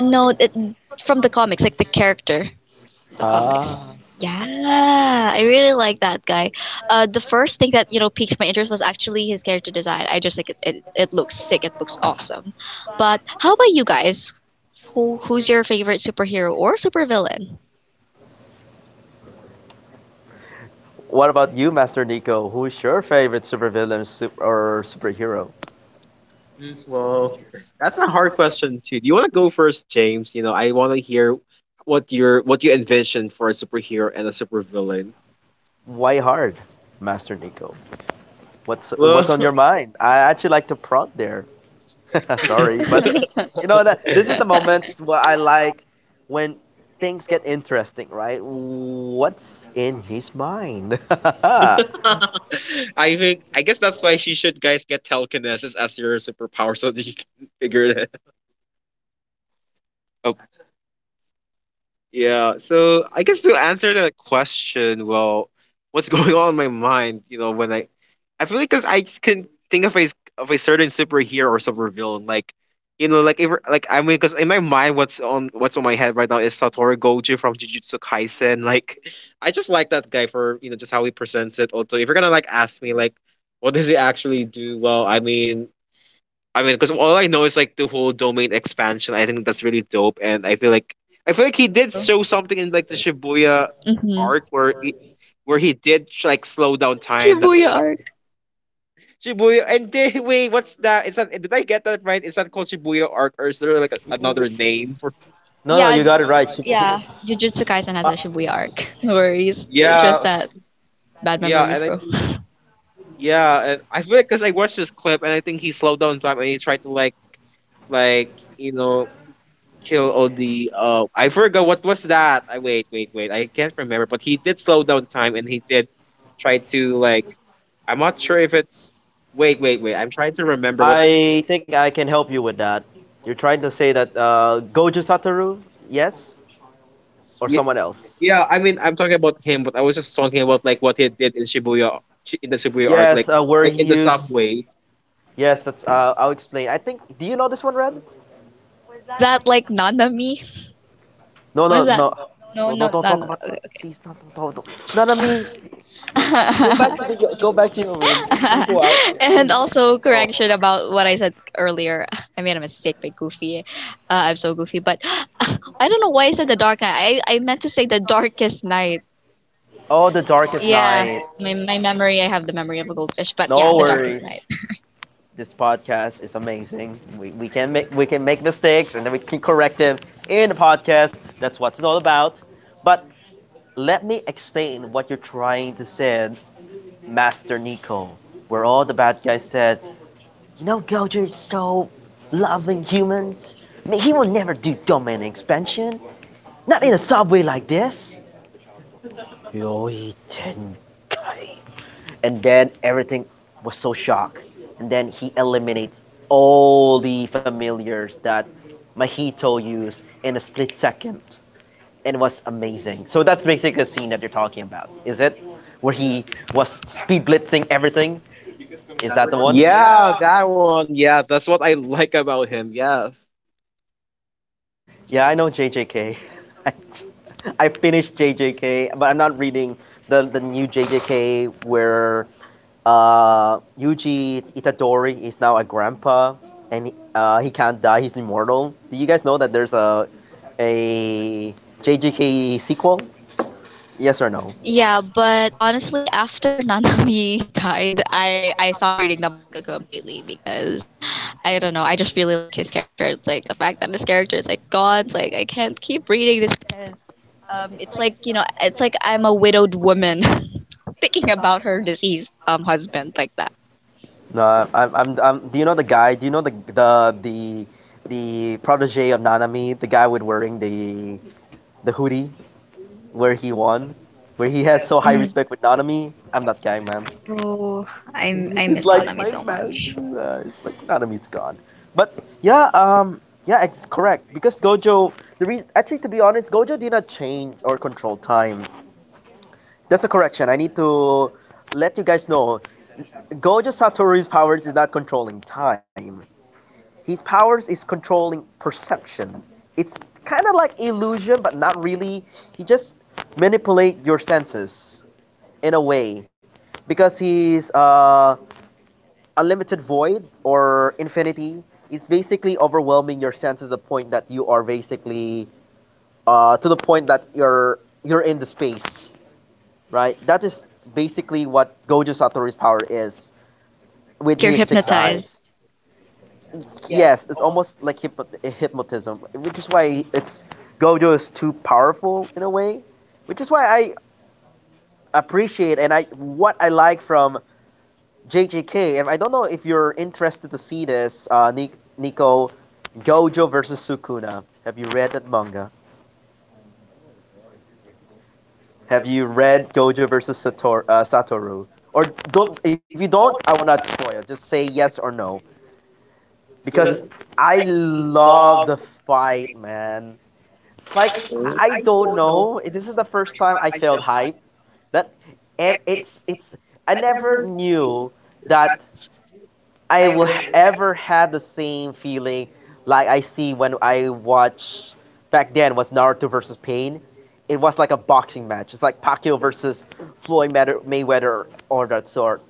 [SPEAKER 2] No, it, from the comics, like the character of the comics.
[SPEAKER 1] Ah.
[SPEAKER 2] Yeah, I really like that guy. Uh, the first thing that you know piqued my interest was actually his character design. I just like it. It, it looks sick. It looks awesome. But how about you guys? Who who's your favorite superhero or supervillain?
[SPEAKER 1] What about you, Master Nico? Who's your favorite supervillain sup- or superhero?
[SPEAKER 3] Well, that's a hard question too. Do you want to go first, James? You know, I want to hear what your what you envision for a superhero and a supervillain.
[SPEAKER 1] Why hard, Master Nico? What's
[SPEAKER 3] Well,
[SPEAKER 1] what's on your mind? I actually like to prod there. (laughs) Sorry, but you
[SPEAKER 2] (laughs)
[SPEAKER 1] know that this is the moments where I like when things get interesting, right? What's in his mind? (laughs) No,
[SPEAKER 3] (laughs) I think I guess that's why she should guys get telekinesis as your superpower so that you can (laughs) figure it. Oh, yeah. So I guess to answer that question, well, what's (laughs) going on in my mind, you know, when I, I feel like because I just couldn't think of a of a certain superhero or supervillain, like, you know, like if, like I mean, because in my mind, what's on what's on my head right now is Satoru Gojo from Jujutsu Kaisen. Like, (laughs) I just like that guy for you know just how he presents it. Also, if you're gonna like ask me like, what does he actually do? Well, I mean, I mean, because all I know is like the whole domain expansion. I think that's really dope, and I feel like I feel like he did
[SPEAKER 2] Real.
[SPEAKER 3] show something in like the Shibuya
[SPEAKER 2] Mm-hmm.
[SPEAKER 3] arc where he, where he did sh- like slow down
[SPEAKER 2] The
[SPEAKER 3] time. That's
[SPEAKER 2] Shibuya arc.
[SPEAKER 3] Shibuya. And then, wait, what's that? It's not. Did I get that right? It's not called Shibuya arc, or is there like a, another name for?
[SPEAKER 1] no,
[SPEAKER 2] Yeah,
[SPEAKER 1] you got it right. Sup- who-
[SPEAKER 2] yeah. Jujutsu Kaisen has
[SPEAKER 1] I
[SPEAKER 2] a Shibuya arc. (laughs) No worries. It's
[SPEAKER 3] Yeah,
[SPEAKER 2] just that bad
[SPEAKER 3] yeah,
[SPEAKER 2] memories,
[SPEAKER 3] and I
[SPEAKER 2] bro.
[SPEAKER 3] think yeah, and I feel like because I watched this clip, and I think he slowed down time and he tried to like like you know kill all the uh I forgot what was that. I wait, wait, wait. I can't remember, but he did slow down time, and he did try to like I'm not sure if it's wait, wait, wait. I'm trying to remember what I
[SPEAKER 1] I think I can help you with that. You're trying to say that uh, Gojo Satoru, yes, or
[SPEAKER 3] yeah,
[SPEAKER 1] someone else?
[SPEAKER 3] yeah, I mean I'm talking about him, but I was just talking about like what he did in Shibuya in the Shibuya arc,
[SPEAKER 1] Yes,
[SPEAKER 3] like
[SPEAKER 1] uh, where
[SPEAKER 3] like
[SPEAKER 1] he
[SPEAKER 3] in the
[SPEAKER 1] used.
[SPEAKER 3] subway.
[SPEAKER 1] Yes, that's. Uh, I'll explain. I think. Do you know this one, Red?
[SPEAKER 2] Was that like Nanami?
[SPEAKER 1] No,
[SPEAKER 2] What's
[SPEAKER 1] no,
[SPEAKER 2] that?
[SPEAKER 1] no,
[SPEAKER 2] No, no,
[SPEAKER 1] no.
[SPEAKER 2] no,
[SPEAKER 1] Don't, don't
[SPEAKER 2] no,
[SPEAKER 1] talk
[SPEAKER 2] no.
[SPEAKER 1] about.
[SPEAKER 2] Okay.
[SPEAKER 1] Please, not. Don't, don't, don't. It's not on me.
[SPEAKER 2] Okay.
[SPEAKER 1] Go back to the go back to your room. Don't
[SPEAKER 2] (laughs)
[SPEAKER 1] go out yet,
[SPEAKER 2] And
[SPEAKER 1] please.
[SPEAKER 2] also
[SPEAKER 1] No.
[SPEAKER 2] correction about what I said earlier. (laughs) I made a mistake by Goofy. Uh, I'm so goofy, but (sighs) (gasps) I don't know why I said the dark night. I, I meant to say the darkest night.
[SPEAKER 1] Oh, the darkest
[SPEAKER 2] Yeah,
[SPEAKER 1] night.
[SPEAKER 2] my, my memory. I have the memory of a goldfish, but yeah,
[SPEAKER 1] No
[SPEAKER 2] the darkest
[SPEAKER 1] worries.
[SPEAKER 2] night.
[SPEAKER 1] This podcast is amazing. We, we can make we can make mistakes, and then we can correct them in the podcast. That's what it's all about. But let me explain what you're trying to say, Master Nico. Where all the bad guys said, you know, Gojo is so loving humans. I mean, he will never do domain expansion. Not in a subway like this. Yoitenkai. And then everything was so shocked. And then he eliminates all the familiars that Mahito used in a split second. And it was amazing. So that's basically the scene that you're talking about, is it? Where he was speed blitzing everything? Is that the one?
[SPEAKER 3] Yeah, that one. Yeah, that's what I (laughs) like about him. Yeah.
[SPEAKER 1] Yeah, I know J J K. (laughs) I, I finished J J K, but I'm not reading the, the new J J K where uh, Yuji Itadori is now a grandpa, and he- uh, he can't die, he's immortal. Do you guys know that there's a, a J J K sequel? Yes or no?
[SPEAKER 2] Yeah, but honestly, after (laughs) Nanami died, I I stopped reading the manga completely because I don't know. I just really like his character. It's like the fact that his character is like gone. It's like I can't keep reading this because um, it's like you know, it's like I'm a widowed woman (laughs) thinking about her deceased um husband like that.
[SPEAKER 1] No, I'm, I'm, I'm, do you know the guy? Do you know the, the, the, the protege of Nanami, the guy with wearing the, the hoodie? Where he won, where he has so high
[SPEAKER 2] Mhm.
[SPEAKER 1] respect with Nanami. I'm not kidding, man. (laughs)
[SPEAKER 2] Bro, I I
[SPEAKER 1] It's
[SPEAKER 2] miss
[SPEAKER 1] like
[SPEAKER 2] Nanami
[SPEAKER 1] my
[SPEAKER 2] so
[SPEAKER 1] man.
[SPEAKER 2] much.
[SPEAKER 1] Uh, it's like Nanami's gone. But yeah, um, yeah, it's correct because Gojo. The reason, actually, to be honest, Gojo did not change or control time. That's a correction. I need to let you guys know. Gojo Satoru's powers is not controlling time. His powers is controlling perception. It's kind of like illusion, but not really. He just manipulate your senses in a way because he's uh, unlimited void or infinity is basically overwhelming your sense to the point that you are basically uh, to the point that you're you're in the space right. That is basically what Gojo Satoru's power is
[SPEAKER 2] It's
[SPEAKER 1] with
[SPEAKER 2] like you're
[SPEAKER 1] his six eyes.
[SPEAKER 2] hypnotized.
[SPEAKER 1] Yes, it's almost like hypno- hypnotism, which is why it's Gojo is too powerful in a way, which is why I appreciate and I what I like from J J K. And I don't know if you're interested to see this, uh, Nico. Gojo versus Sukuna. Have you read that manga? Have you read Gojo versus Sator- uh, Satoru? Or don't. If you don't, I will not spoil. Just say yes or no.
[SPEAKER 3] Cool.
[SPEAKER 1] Because I love the fight, man. It's like I I don't know. This is the first time I felt hype. That ev- it's it's. I never knew that I will h- ever had the same feeling like I see when I watch back then was Naruto versus Pain. It was like a boxing match. It's like Pacquiao versus Floyd Maywe- Mayweather or that sort.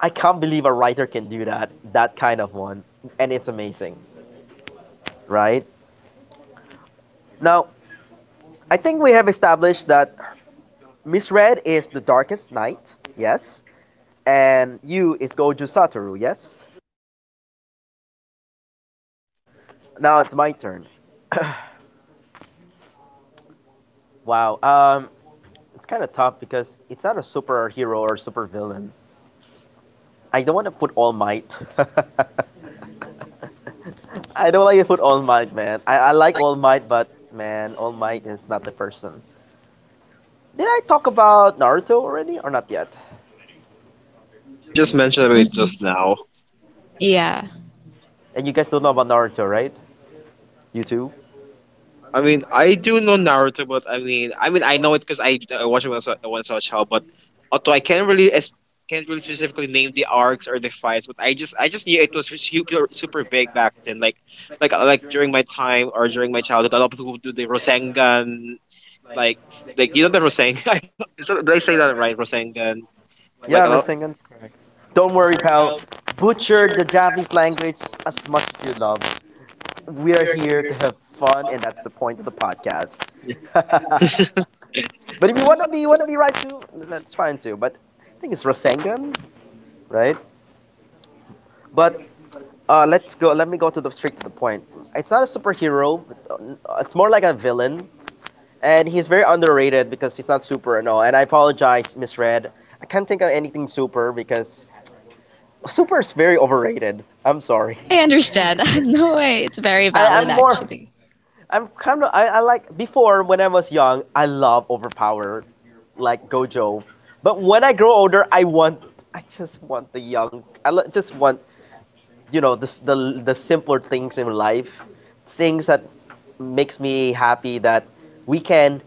[SPEAKER 1] I can't believe a writer can do that, that kind of one, and it's amazing, right? Now, I think we have established that Miss Red is the Darkest Knight, yes, and you is Gojo Satoru, yes. Now it's my turn. (coughs) Wow. Um, It's kind of tough because it's not a superhero or supervillain. I don't want to put All Might. (laughs) I don't like to put All Might, man. I, I like All Might, but man, All Might is not the person. Did I talk about Naruto already or not yet?
[SPEAKER 3] Oh, you just mentioned about it
[SPEAKER 2] Hmm.
[SPEAKER 3] just now.
[SPEAKER 2] Yeah,
[SPEAKER 1] And you guys don't know about Naruto, right? You too?
[SPEAKER 3] I mean, I do know Naruto, but I mean, I mean, I know it because I, I watched it when I was, a- when I was a child. But although I can't really es- can't really specifically name the arcs or the fights, but I just I just knew it was super super big back then. Like like like during my time or during my childhood, a lot of people would do the Rosengan, like like you know the Rosengan. (laughs) Is that- Did I say that right? Rosengan, like a
[SPEAKER 1] Yeah,
[SPEAKER 3] lot.
[SPEAKER 1] Rasengan. Don't worry, pal. Butcher the Japanese language as much as you love. We are here to have fun, and that's the point of the podcast.
[SPEAKER 3] Yeah.
[SPEAKER 1] (laughs) But if you want to be you want to be right too, that's fine too. But I think it's Rasengan, right?
[SPEAKER 3] Yeah.
[SPEAKER 1] But uh, let's go. Let me go to the straight to the point. It's not a superhero. uh, It's more like a villain, and he's very underrated because he's not super. No, and I apologize, misread. I can't think of anything super because super is very overrated. I'm sorry.
[SPEAKER 2] I understand. (laughs) No way. It's very
[SPEAKER 1] I,
[SPEAKER 2] valid,
[SPEAKER 1] I'm more.
[SPEAKER 2] actually.
[SPEAKER 1] I'm kind of. I, I like before when I was young. I love overpowered like Gojo. But when I grow older, I want I just want the young. I l- just want you know the s- the the simpler things in life, things that makes me happy that we can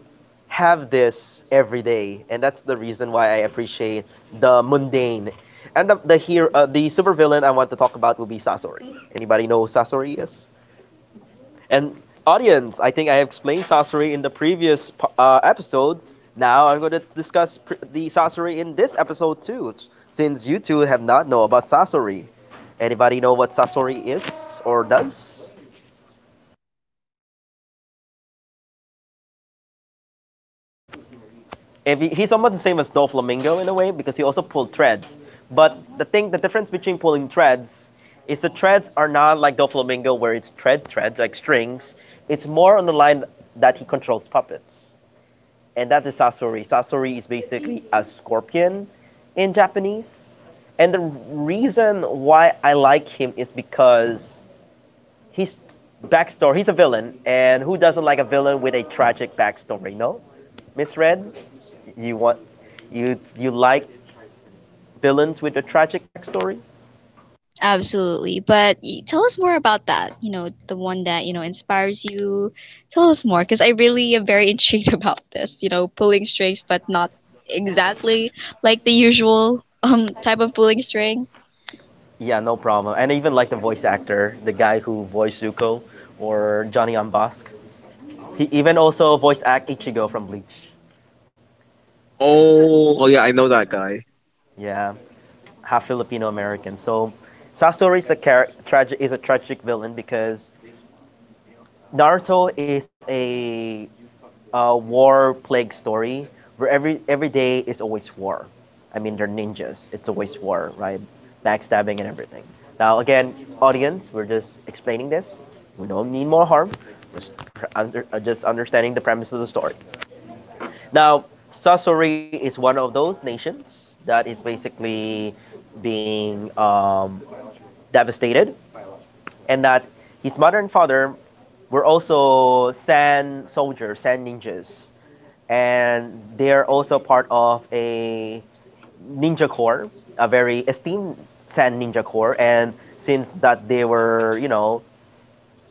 [SPEAKER 1] have this every day, and that's the reason why I appreciate the mundane. And the the here uh, the supervillain I want to talk about will be Sasori. Anybody know who Sasori is? And audience, I think I explained sorcery in the previous po- uh, episode. Now I'm going to discuss pr- the sorcery in this episode too, s- since you two have not know about sorcery. Anybody know what sorcery is or does? If he, he's almost the same as Doflamingo in a way because he also pulled threads. But the thing, the difference between pulling threads is the threads are not like Doflamingo where it's thread threads like strings. It's more on the line that he controls puppets. And that is Sasori. Sasori is basically a scorpion in Japanese. And the reason why I like him is because his backstory, he's a villain, and who doesn't like a villain with a tragic backstory, no? Miss Red, you want you you like villains with a tragic backstory?
[SPEAKER 2] Absolutely. But y- tell us more about that. You know, the one that, you know, inspires you. Tell us more, because I really am very intrigued (laughs) about this. You know, pulling strings, but not exactly like the usual um type of pulling string.
[SPEAKER 1] Yeah, no problem. And I even like the voice actor, the guy who voiced Zuko or Johnny on Bosk. He even also voice act Ichigo from Bleach.
[SPEAKER 3] Oh, oh yeah, I know that guy.
[SPEAKER 1] Yeah. Half Filipino American. So Sasori is a tragic is a tragic villain because Naruto is a, uh war plague story where every every day is always war. I mean they're ninjas. It's always war, right? Backstabbing and everything. Now again, audience, we're just explaining this. We don't need more harm. Just under, uh, just understanding the premise of the story. Now Sasori is one of those nations that is basically being um, devastated, and that his mother and father were also sand soldiers, sand ninjas, and they're also part of a ninja corps, a very esteemed sand ninja corps. And since that they were, you know,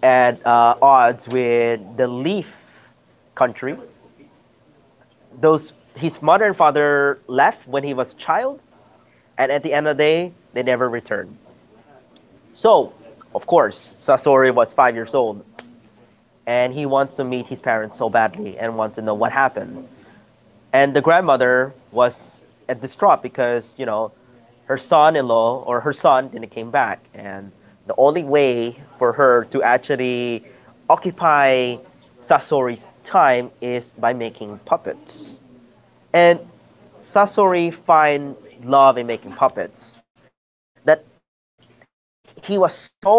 [SPEAKER 1] at uh, odds with the Leaf country, those his mother and father left when he was a child, and at the end of the day, they never returned. So, of course, Sasori was five years old and he wants to meet his parents so badly and wants to know what happened. And the grandmother was uh, distraught because you know her son-in-law or her son didn't came back, and the only way for her to actually occupy Sasori's time is by making puppets. And Sasori find love in making puppets. That he was so gifted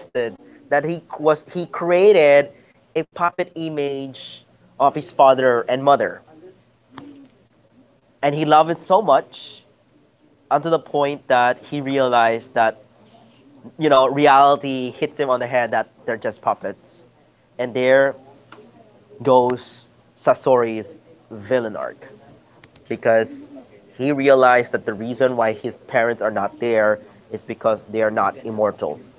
[SPEAKER 1] that he was he created a puppet image of his father and mother, and he loved it so much unto the point that he realized that you know reality hits him on the head that they're just puppets, and there goes Sasori's villain arc. Because he realized that the reason why his parents are not there is because they are not immortal.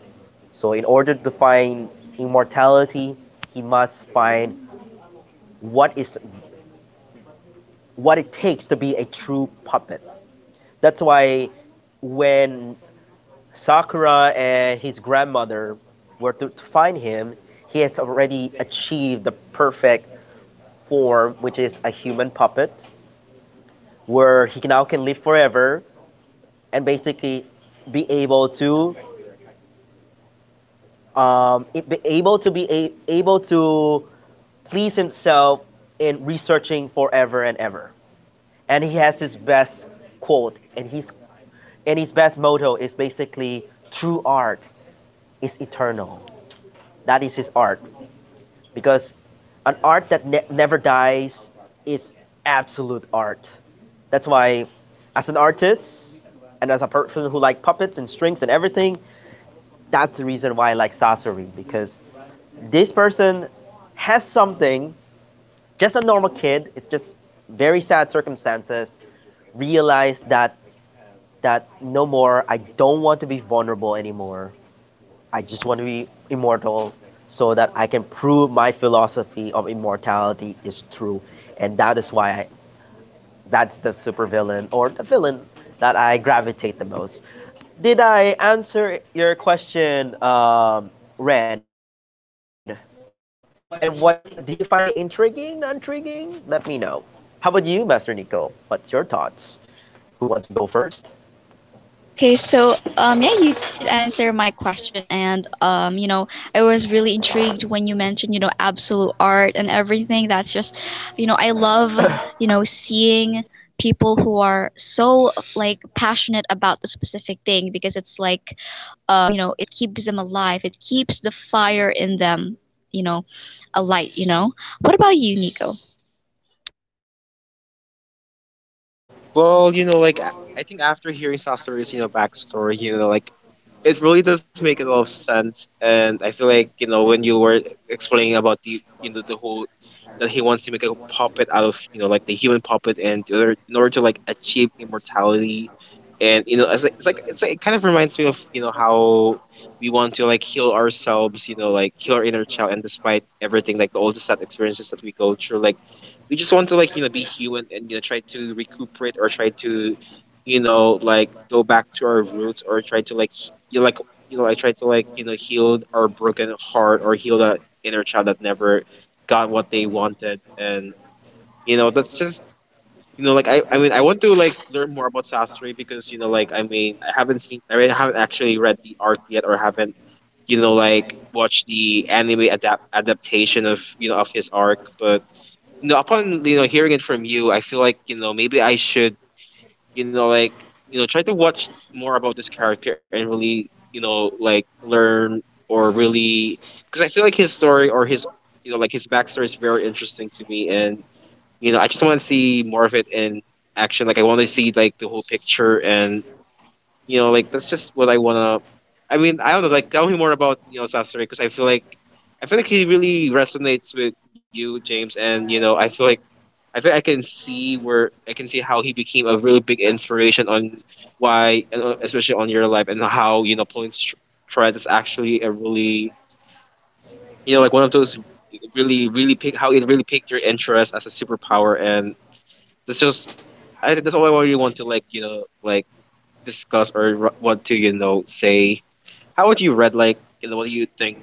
[SPEAKER 1] So, in order to find immortality, he must find what is what it takes to be a true puppet. That's why when Sakura and his grandmother were to find him, he has already achieved the perfect form, which is a human puppet, where he now can live forever and basically be able to um, be able to be a, able to please himself in researching forever and ever. And he has his best quote, and his and his best motto is basically true art is eternal. That is his art because an art that ne- never dies is absolute art. That's why, as an artist and as a person who like puppets and strings and everything, that's the reason why I like Sasori because this person has something. Just a normal kid. It's just very sad circumstances. Realized that that no more. I don't want to be vulnerable anymore. I just want to be immortal so that I can prove my philosophy of immortality is true, and that is why I, that's the supervillain or the villain that I gravitate the most. Did I answer your question, um, Red? And what do you find it intriguing, intriguing? Let me know. How about you, Master Nico? What's your thoughts? Who wants to go first?
[SPEAKER 2] Okay, so um, yeah, you did answer my question, and um, you know, I was really intrigued when you mentioned, you know, absolute art and everything. That's just, you know, I love, you know, seeing people who are so like passionate about the specific thing because it's like, um, you know, it keeps them alive. It keeps the fire in them, you know, alight, you know. What about you, Nico?
[SPEAKER 3] Well, you know, like I I think after hearing Sasori's, you know, backstory, you know, like it really does make a lot of sense. And I feel like, you know, when you were explaining about the you know the whole that he wants to make a puppet out of, you know, like the human puppet and the other, in order to like achieve immortality. And you know, it's like it's like it's like, it kind of reminds me of you know how we want to like heal ourselves, you know, like heal our inner child, and despite everything, like the all the sad experiences that we go through, like we just want to like you know be human and you know try to recuperate or try to you know like go back to our roots or try to like he- you know, like you know I try to like you know heal our broken heart or heal that inner child that never got what they wanted and you know that's just you know like I I mean I want to like learn more about Sasori because you know like I mean I haven't seen I mean, I haven't actually read the arc yet or haven't you know like watched the anime adapt adaptation of you know of his arc. But no, upon you know hearing it from you, I feel like you know maybe I should you know like you know try to watch more about this character and really you know like learn or really because I feel like his story or his you know like his backstory is very interesting to me, and you know I just want to see more of it in action. Like I want to see like the whole picture and you know like that's just what I wanna. I mean I don't know, like tell me more about you know Sasori because I feel like I feel like he really resonates with you, James, and you know I feel like I think I can see where I can see how he became a really big inspiration on why, and, uh, especially on your life, and how you know pulling str- thread is actually a really you know like one of those really really pick how it really picked your interest as a superpower, and that's just I think that's all I really want to like you know like discuss or r- want to you know say. How would you read like you know what do you think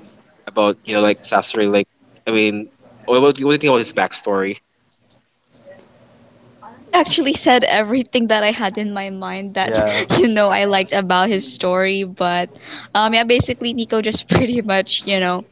[SPEAKER 3] about you know like Sasori? Like I mean, what what do you think about his backstory?
[SPEAKER 2] Honestly, he actually said everything that I had in my mind that
[SPEAKER 1] Yeah,
[SPEAKER 2] (laughs) you know I liked about his story, but um yeah, basically Nico just (laughs) pretty much, you know,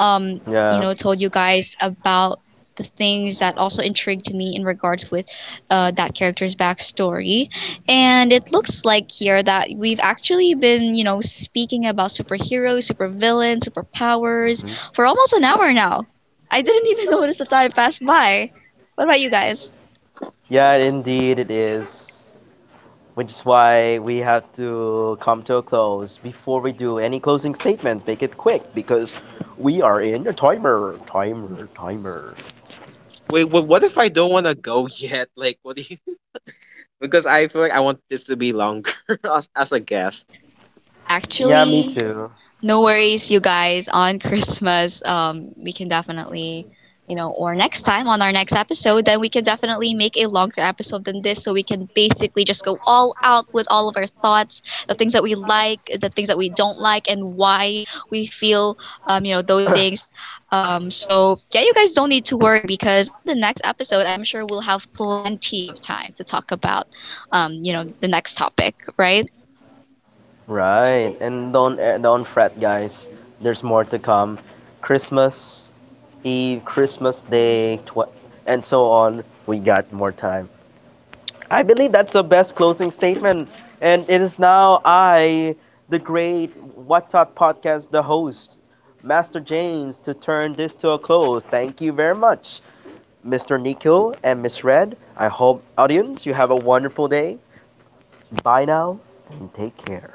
[SPEAKER 2] um, you
[SPEAKER 1] yeah,
[SPEAKER 2] know, told you guys about the things that also intrigued me in regards with uh, that character's backstory. And it looks like here that we've actually been, you know, speaking about superheroes, supervillains, superpowers for almost an hour now. I didn't even (laughs) notice the time pass by. What about you guys?
[SPEAKER 1] yeah, indeed it is. Which is why we have to come to a close. Before we do any closing statements, make it quick because we are in a timer, timer, timer.
[SPEAKER 3] Wait, wha- what if I don't want to go (laughs) yet? Like, what do you? (laughs) Because I feel like I want this to be longer (laughs) as, as a guest.
[SPEAKER 1] Yeah, me
[SPEAKER 2] Actually,
[SPEAKER 1] too.
[SPEAKER 2] no worries, you guys. On Christmas, um, we can definitely, you know, or next time on our next episode, then we can definitely make a longer episode than this so we can basically just go all out with all of our thoughts, the things that we like, the things that we don't like, and why we feel, um, you know, those things. Um, so, yeah, you guys don't need to worry because on the next episode, I'm sure we'll have plenty of time to talk about, um, you know, the next topic, right?
[SPEAKER 1] Right, and don't eh, don't fret, guys. There's more to come. Christmas Eve, Christmas Day, tw- and so on, we got more time. I believe that's the best closing statement. And it is now I, the great What's Up podcast, the host, Master James, to turn this to a close. Thank you very much, mister Nico and Miss Red. I hope, audience, you have a wonderful day. Bye now and take care.